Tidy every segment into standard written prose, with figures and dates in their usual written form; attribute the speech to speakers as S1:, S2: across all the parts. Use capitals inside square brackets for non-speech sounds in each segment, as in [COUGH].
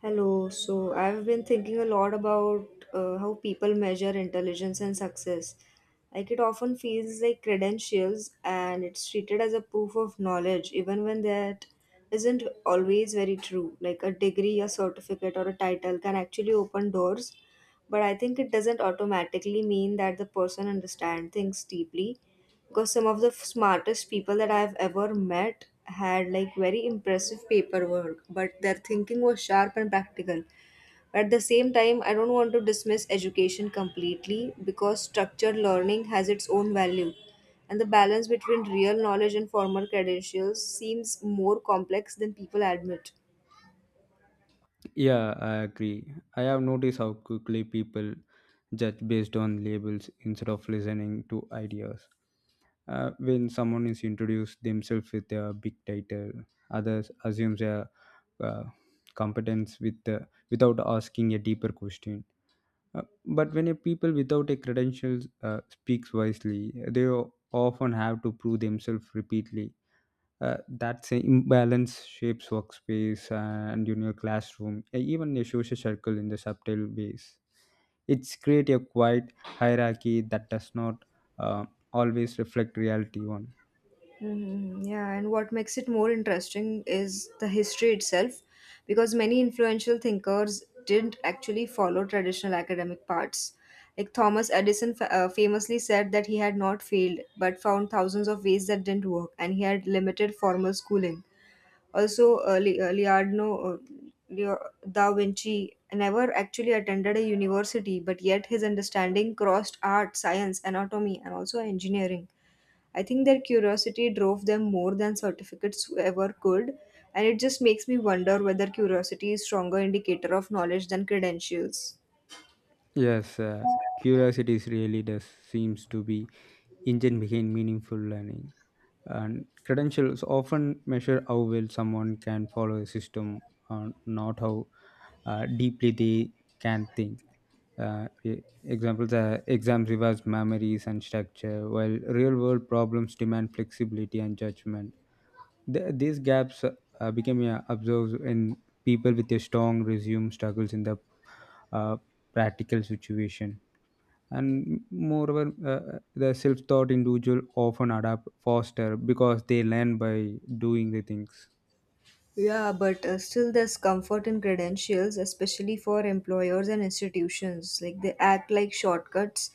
S1: Hello. So I've been thinking a lot about how people measure intelligence and success. Like it often feels like credentials and it's treated as a proof of knowledge, even when that isn't always very true. Like a degree, a certificate, or a title can actually open doors, but I think it doesn't automatically mean that the person understands things deeply because some of the smartest people that I've ever met had like very impressive paperwork, but their thinking was sharp and practical. But at the same time, I don't want to dismiss education completely because structured learning has its own value. And the balance between real knowledge and formal credentials seems more complex than people admit.
S2: Yeah, I agree. I have noticed how quickly people judge based on labels instead of listening to ideas. When someone is introduced themselves with a big title, others assume their uh, competence with the, without asking a deeper question. But when a people without a credentials speaks wisely, they often have to prove themselves repeatedly. That same imbalance shapes workspace and in your classroom even your social circle in the subtle ways. It's create a quiet hierarchy that does not uh, always reflect reality one.
S1: Hmm. Yeah, and what makes it more interesting is the history itself, because many influential thinkers didn't actually follow traditional academic paths. Like Thomas Edison famously said that he had not failed, but found thousands of ways that didn't work, and he had limited formal schooling. Also, Leonardo da Vinci never actually attended a university, but yet his understanding crossed art, science, anatomy, and also engineering. I think their curiosity drove them more than certificates ever could, and it just makes me wonder whether curiosity is stronger indicator of knowledge than credentials.
S2: Yes, curiosity is really does seems to be engine behind meaningful learning, and credentials often measure how well someone can follow a system or not how deeply they can think. Examples are exams reverse memories and structure, while real world problems demand flexibility and judgment. These gaps became observed in people with a strong resume struggles in the uh, practical situation. And moreover, the self-taught individual often adapt faster because they learn by doing the things.
S1: Yeah, but still there's comfort in credentials, especially for employers and institutions. Like they act like shortcuts,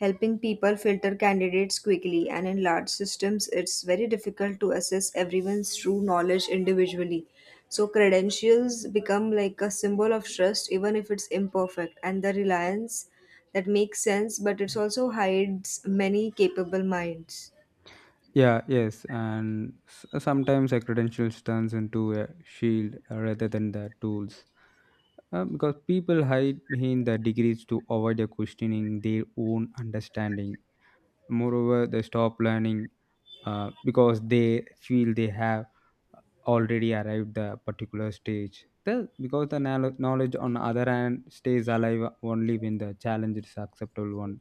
S1: helping people filter candidates quickly. And in large systems, it's very difficult to assess everyone's true knowledge individually. So credentials become like a symbol of trust, even if it's imperfect. And the reliance that makes sense, but it also hides many capable minds.
S2: Yeah, yes, and sometimes a credentials turns into a shield rather than the tools, because people hide behind the degrees to avoid the questioning their own understanding. Moreover, they stop learning because they feel they have already arrived the particular stage the, because the knowledge on other hand stays alive only when the challenge is acceptable one.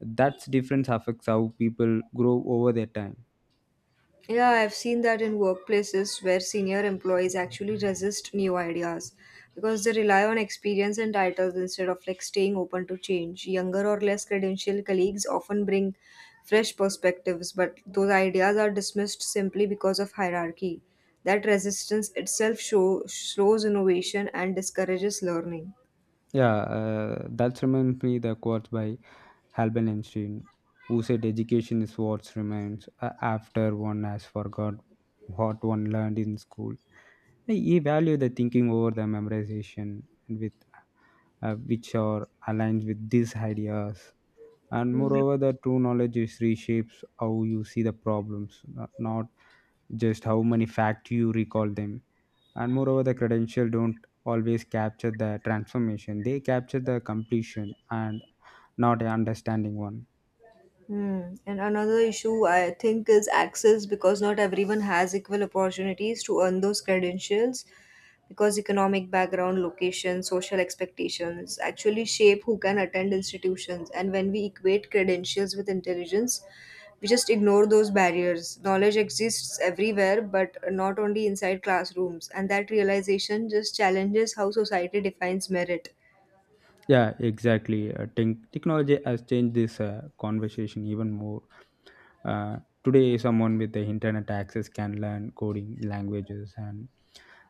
S2: That's difference affects how people grow over their time.
S1: Yeah, I've seen that in workplaces where senior employees actually resist new ideas because they rely on experience and titles instead of like staying open to change. Younger or less credentialed colleagues often bring fresh perspectives, but those ideas are dismissed simply because of hierarchy. That resistance itself slows innovation and discourages learning.
S2: Yeah, that reminds me the quote by Albert Einstein, who said education is what remains after one has forgot what one learned in school. He valued the thinking over the memorization, and with which are aligned with these ideas. And moreover, the true knowledge is reshapes how you see the problems, not just how many facts you recall them. And moreover, the credential don't always capture the transformation; they capture the completion and not a understanding one.
S1: Hmm. And another issue I think is access because not everyone has equal opportunities to earn those credentials because economic background, location, social expectations actually shape who can attend institutions. And when we equate credentials with intelligence, we just ignore those barriers. Knowledge exists everywhere, but not only inside classrooms. And that realization just challenges how society defines merit.
S2: Yeah, exactly. Technology has changed this conversation even more. Uh, Today, someone with the internet access can learn coding languages and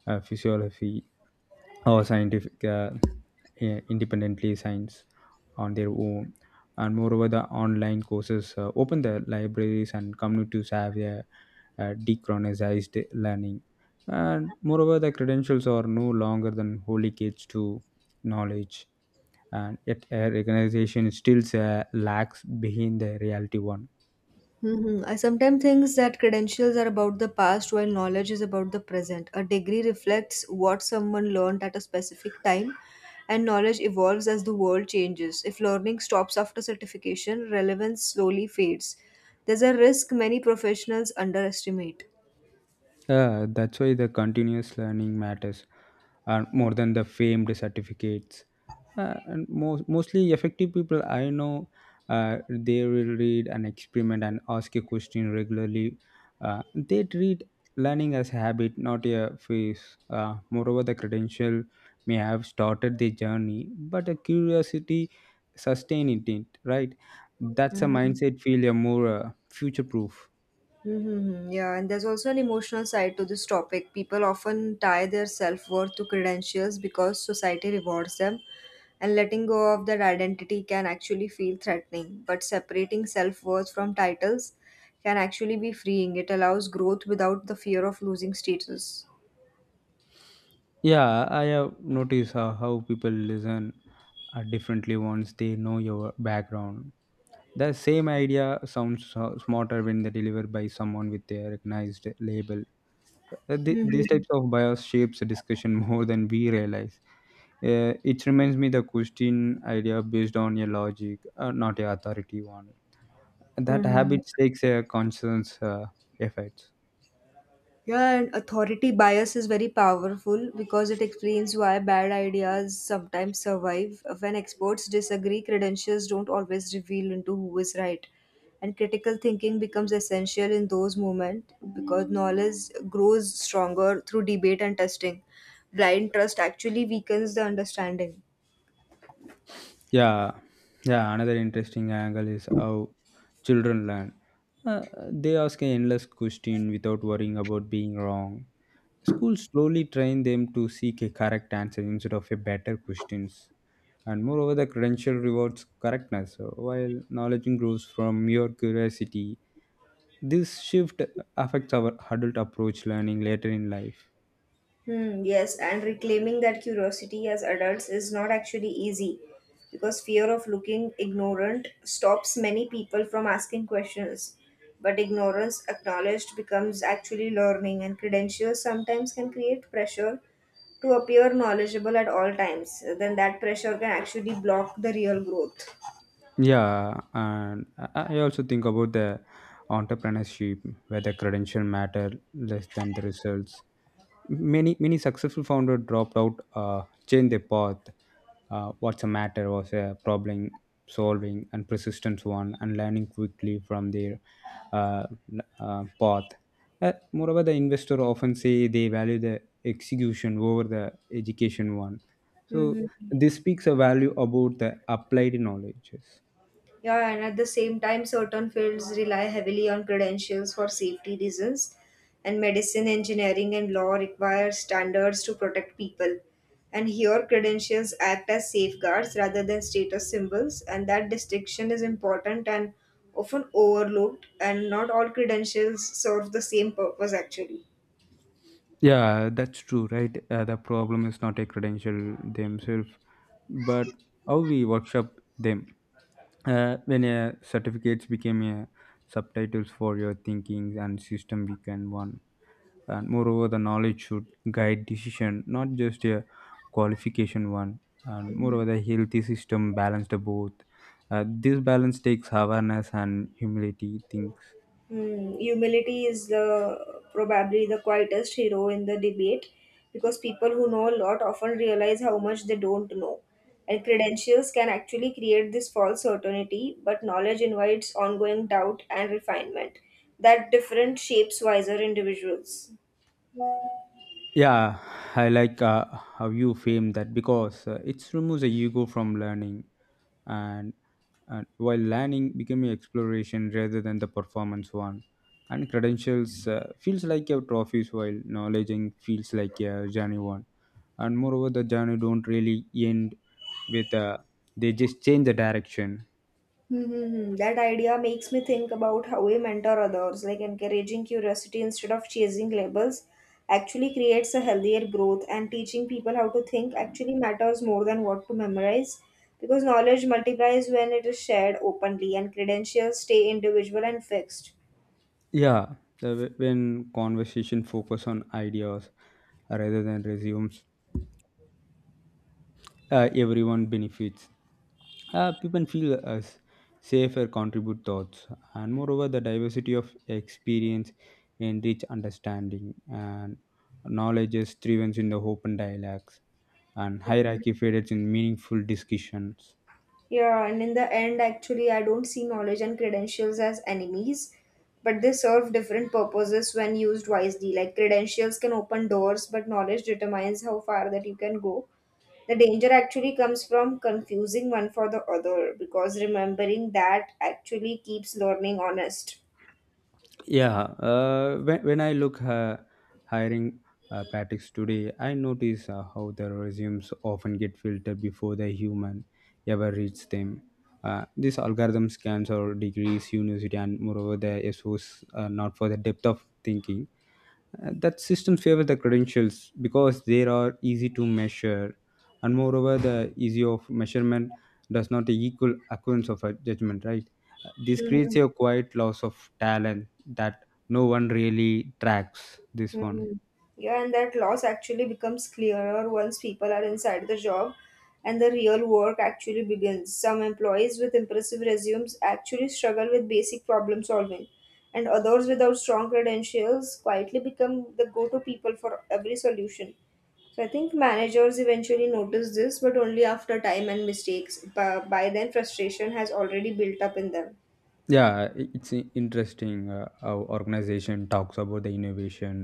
S2: physiology or scientific independently science on their own. And moreover, the online courses open the libraries and communities have a, dechronized learning. And moreover, the credentials are no longer than holy gates to knowledge, and yet a recognition stills lacks behind the reality one.
S1: Hmm. I sometimes think that credentials are about the past while knowledge is about the present. A degree reflects what someone learned at a specific time, and knowledge evolves as the world changes. If learning stops after certification, relevance slowly fades. There's a risk many professionals underestimate.
S2: Yeah, that's why the continuous learning matters and more than the famed certificates. And most mostly effective people I know, they will read and experiment and ask a question regularly. They treat learning as habit, not a phase. Moreover, the credential may have started the journey, but a curiosity sustain it, right? That's a
S1: Mhm.
S2: mindset feel a more future proof.
S1: Mm-hmm. Yeah, and there's also an emotional side to this topic. People often tie their self worth to credentials because society rewards them, and letting go of that identity can actually feel threatening. But separating self worth from titles can actually be freeing. It allows growth without the fear of losing status.
S2: Yeah, I have noticed how people listen differently once they know your background. The same idea sounds smarter when they delivered by someone with a recognized label. These
S1: Mm-hmm.
S2: types of bias shapes the discussion [LAUGHS] more than we realize. It reminds me the question idea based on your logic, not your authority one. That
S1: Mm-hmm.
S2: habit takes a conscious effort.
S1: Yeah, and authority bias is very powerful because it explains why bad ideas sometimes survive. When experts disagree, credentials don't always reveal into who is right. And critical thinking becomes essential in those moments because knowledge grows stronger through debate and testing. Blind trust actually weakens the understanding.
S2: Yeah, yeah. Another interesting angle is how children learn. Uh, they ask an endless question without worrying about being wrong. Schools slowly train them to seek a correct answer instead of a better questions. And moreover, the credential rewards correctness, while knowledge grows from mere curiosity. This shift affects our adult approach learning later in life.
S1: Hmm, yes, and reclaiming that curiosity as adults is not actually easy because fear of looking ignorant stops many people from asking questions. But ignorance acknowledged becomes actually learning, and credentials sometimes can create pressure to appear knowledgeable at all times. Then that pressure can actually block the real growth.
S2: Yeah, and I also think about the entrepreneurship where the credential matter less than the results. Many successful founder dropped out, changed their path. What's the matter was a problem solving and persistence one, and learning quickly from their uh, path. Moreover, the investor often say they value the execution over the education one, so
S1: Mhm.
S2: this speaks a value about the applied knowledge.
S1: Yeah, and at the same time, certain fields rely heavily on credentials for safety reasons, and medicine, engineering, and law require standards to protect people. And here, credentials act as safeguards rather than status symbols, and that distinction is important and often overlooked, and not all credentials serve the same purpose actually.
S2: Yeah, that's true, right? The problem is not a credential themselves, but how we workshop them. When certificates became subtitles for your thinking and system became one. And moreover, the knowledge should guide decision, not just a qualification one. And moreover, the healthy system balanced both. This balance takes awareness and humility things.
S1: Hmm, humility is the probably the quietest hero in the debate because people who know a lot often realize how much they don't know. And credentials can actually create this false certainty, but knowledge invites ongoing doubt and refinement that different shapes wiser individuals.
S2: Yeah, I like how you frame that because it removes the ego from learning, and, and while learning becoming exploration rather than the performance one, and credentials feels like a trophies, while knowledge and feels like a journey one, and moreover the journey don't really end with they just change the direction.
S1: Hmm, that idea makes me think about how we mentor others, like encouraging curiosity instead of chasing labels actually creates a healthier growth and teaching people how to think actually matters more than what to memorize because knowledge multiplies when it is shared openly and credentials stay individual and fixed.
S2: Yeah, the, when conversation focus on ideas rather than resumes, everyone benefits. People feel safer contribute thoughts, and moreover the diversity of experience enrich understanding, and knowledge is thrives in the open dialogues, and hierarchy fades in meaningful discussions.
S1: Yeah, and in the end, actually, I don't see knowledge and credentials as enemies, but they serve different purposes when used wisely. Like credentials can open doors, but knowledge determines how far that you can go. The danger actually comes from confusing one for the other because remembering that actually keeps learning honest.
S2: Yeah, when I look hiring practice today, I notice how the resumes often get filtered before the human ever reads them. This algorithm scans or degrees, university, and moreover, the SOs not for the depth of thinking. That system favors the credentials because they are easy to measure, and moreover the easy of measurement does not equal occurrence of a judgment, right? This creates
S1: Mhm.
S2: a quiet loss of talent that no one really tracks this one.
S1: Mm. Yeah, and that loss actually becomes clearer once people are inside the job and the real work actually begins. Some employees with impressive resumes actually struggle with basic problem solving, and others without strong credentials quietly become the go to people for every solution. So I think managers eventually notice this, but only after time and mistakes. By then, frustration has already built up in them.
S2: Yeah, it's interesting how organization talks about the innovation,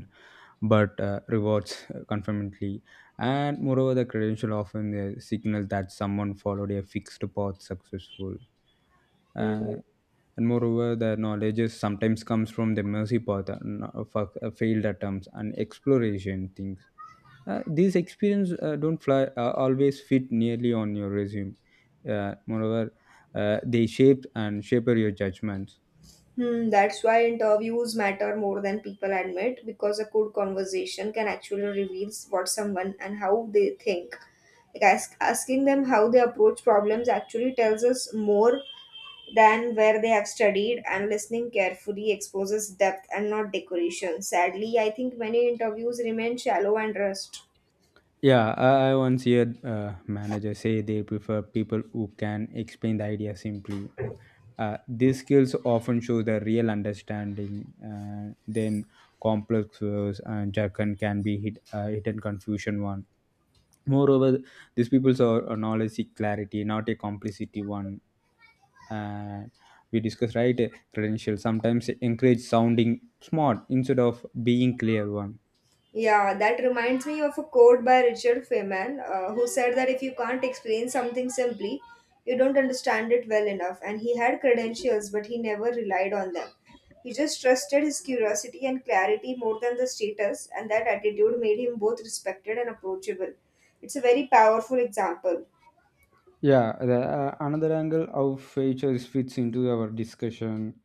S2: but rewards [LAUGHS] conformantly. And moreover, the credential often signals that someone followed a fixed path successful.
S1: Hmm.
S2: Uh, and moreover, the knowledge is sometimes comes from the mercy path, failed attempts, and exploration things. These experience don't fly, always fit nearly on your resume. Moreover, they shape your judgments.
S1: Hmm, that's why interviews matter more than people admit because a good conversation can actually reveal what someone and how they think. Like asking them how they approach problems actually tells us more than where they have studied, and listening carefully exposes depth and not decoration. Sadly, I think many interviews remain shallow and rushed.
S2: Yeah, I once heard a manager say they prefer people who can explain the idea simply. These skills often show the real understanding. Then complex words and jargon can be hit, hidden confusion one. Moreover, these people are a knowledge seek clarity, not a complicity one. And we discuss right credentials sometimes encourage sounding smart instead of being clear one.
S1: Yeah, that reminds me of a quote by Richard Feynman, who said that if you can't explain something simply, you don't understand it well enough. And he had credentials, but he never relied on them. He just trusted his curiosity and clarity more than the status, and that attitude made him both respected and approachable. It's a very powerful example.
S2: Yeah, the, another angle of features fits into our discussion,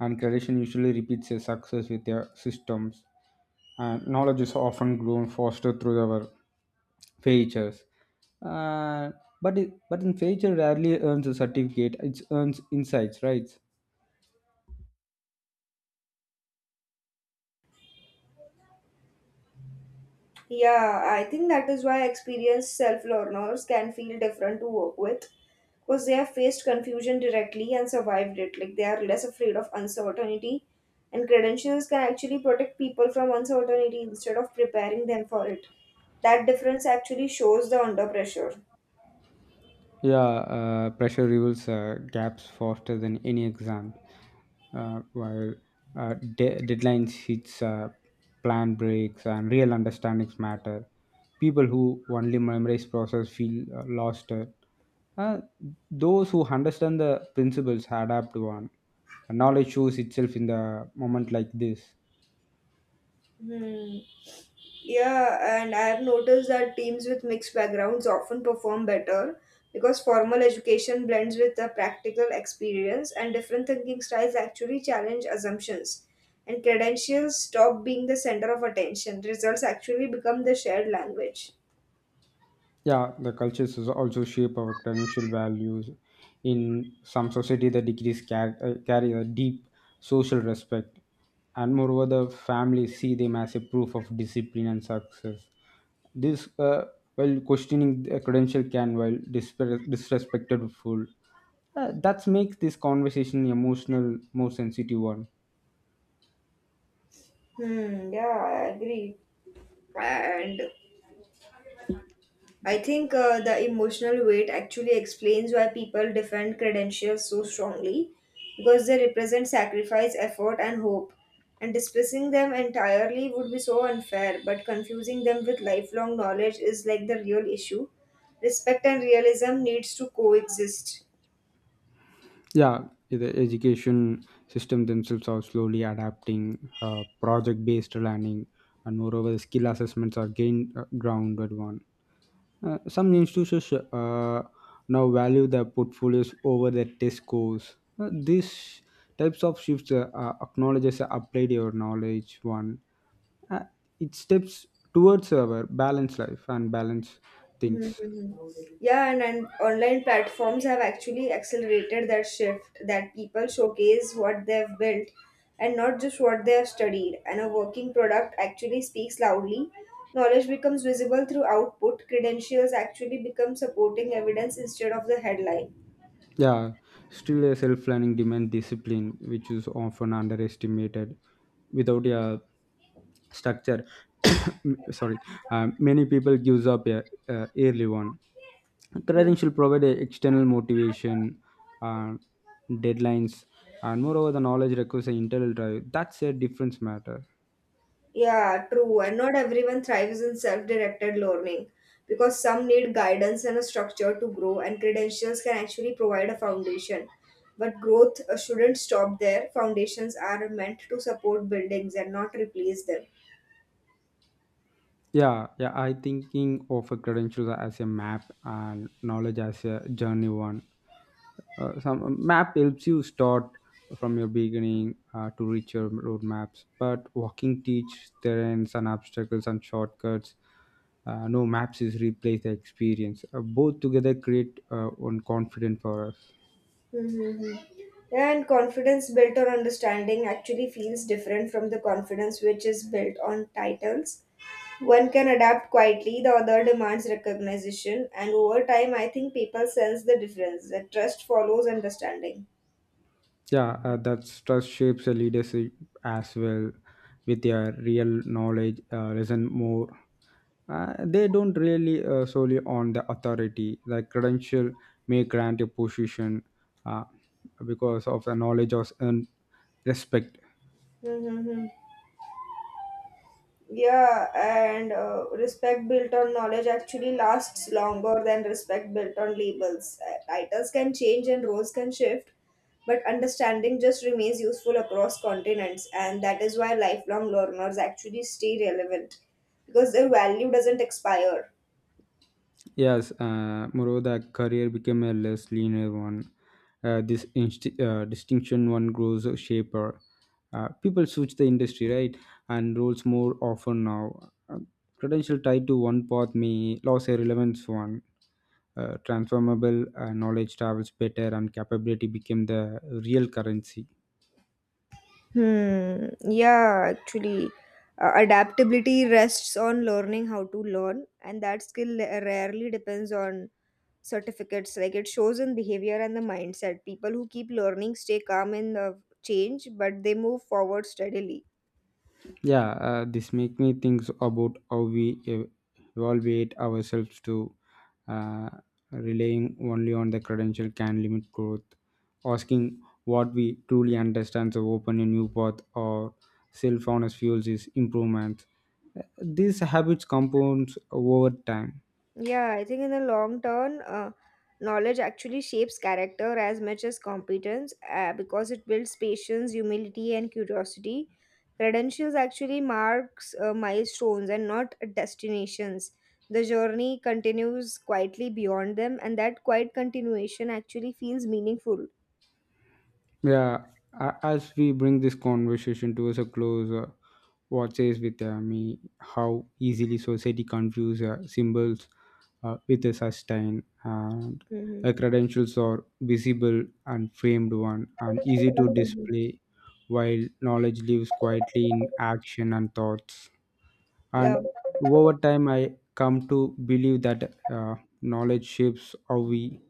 S2: and creation usually repeats a success with their systems, and knowledge is often grown faster through our features. Uh, but in feature rarely earns a certificate; it earns insights, right?
S1: Yeah, I think that is why experienced self learners can feel different to work with because they have faced confusion directly and survived it. Like they are less afraid of uncertainty, and credentials can actually protect people from uncertainty instead of preparing them for it. That difference actually shows the under pressure.
S2: Yeah, pressure reveals gaps faster than any exam, while deadlines hits, plan breaks and real understandings matter. People who only memorize process feel lost. Uh, those who understand the principles adapt one. And knowledge shows itself in the moment like this.
S1: Hmm. Yeah, and I have noticed that teams with mixed backgrounds often perform better because formal education blends with the practical experience, and different thinking styles actually challenge assumptions. And credentials stop being the center of attention. Results actually become the shared language.
S2: Yeah, the cultures is also shape our credential values. In some society, the degrees carry a deep social respect, and moreover, the family see them as a proof of discipline and success. This, while questioning the credential, can while disrespected fool. That makes this conversation emotional, more sensitive one.
S1: Hmm, yeah, I agree. And I think the emotional weight actually explains why people defend credentials so strongly because they represent sacrifice, effort, and hope. And dismissing them entirely would be so unfair, but confusing them with lifelong knowledge is like the real issue. Respect and realism needs to coexist.
S2: Yeah, the education system themselves are slowly adapting project based learning, and moreover skill assessments are gained grounded one. Some institutions now value the portfolios over the test scores. These types of shifts acknowledges applied your knowledge one. uh, it steps towards our balanced life and balanced
S1: Mhm.
S2: things.
S1: Mhm. Yeah, and online platforms have actually accelerated that shift that people showcase what they've built and not just what they have studied. And a working product actually speaks loudly. Knowledge becomes visible through output. Credentials actually become supporting evidence instead of the headline.
S2: Yeah, still a self planning demand discipline, which is often underestimated. Without a structure, [COUGHS] sorry, many people gives up a early on. Training should provide a external motivation, uh, deadlines, and moreover, the knowledge requires an internal drive. That's a difference matter.
S1: Yeah, true. And not everyone thrives in self directed learning because some need guidance and a structure to grow, and credentials can actually provide a foundation. But growth shouldn't stop there. Foundations are meant to support buildings and not replace them.
S2: Yeah. I thinking of a credentials as a map and knowledge as a journey one. Some map helps you start from your beginning to reach your roadmaps, but walking teach terrains and obstacles and shortcuts. No maps is replace the experience. Both together create one confident for us.
S1: Mm-hmm. And confidence built on understanding actually feels different from the confidence which is built on titles. One can adapt quietly, the other demands recognition, and over time, I think people sense the difference that trust follows understanding.
S2: Yeah, that trust shapes a leadership as well. With your real knowledge, listen more. They don't really solely on the authority. The credential may grant a position uh, because of the knowledge of and respect.
S1: Mm-hmm. Yeah, and respect built on knowledge actually lasts longer than respect built on labels. Titles can change and roles can shift, but understanding just remains useful across continents, and that is why lifelong learners actually stay relevant because their value doesn't expire.
S2: Yes, moreover the career became a less linear one. Distinction one grows a shaper. People switch the industry, right, and roles more often now. Uh, Credential tied to one path may lose a relevance one. Transformable knowledge travels better, and capability became the real currency.
S1: Hmm. Yeah, actually, adaptability rests on learning how to learn, and that skill rarely depends on certificates like it shows in behavior and the mindset. People who keep learning stay calm in the change but they move forward steadily.
S2: Yeah, this make me think about how we evaluate ourselves to uh, relying only on the credential can limit growth. Asking what we truly understand to open a new path or self-honest fuels is improvement. Uh, these habits compounds over time.
S1: Yeah, I think in the long term, knowledge actually shapes character as much as competence because it builds patience humility and curiosity. Credentials actually marks milestones and not destinations. The journey continues quietly beyond them and that quiet continuation actually feels meaningful.
S2: Yeah, as we bring this conversation towards a close, what says with me how easily society confuses symbols with a sustain and
S1: Mhm.
S2: credentials are visible and framed one and easy to display, while knowledge lives quietly in action and thoughts, and
S1: Yeah.
S2: over time I come to believe that knowledge shapes how we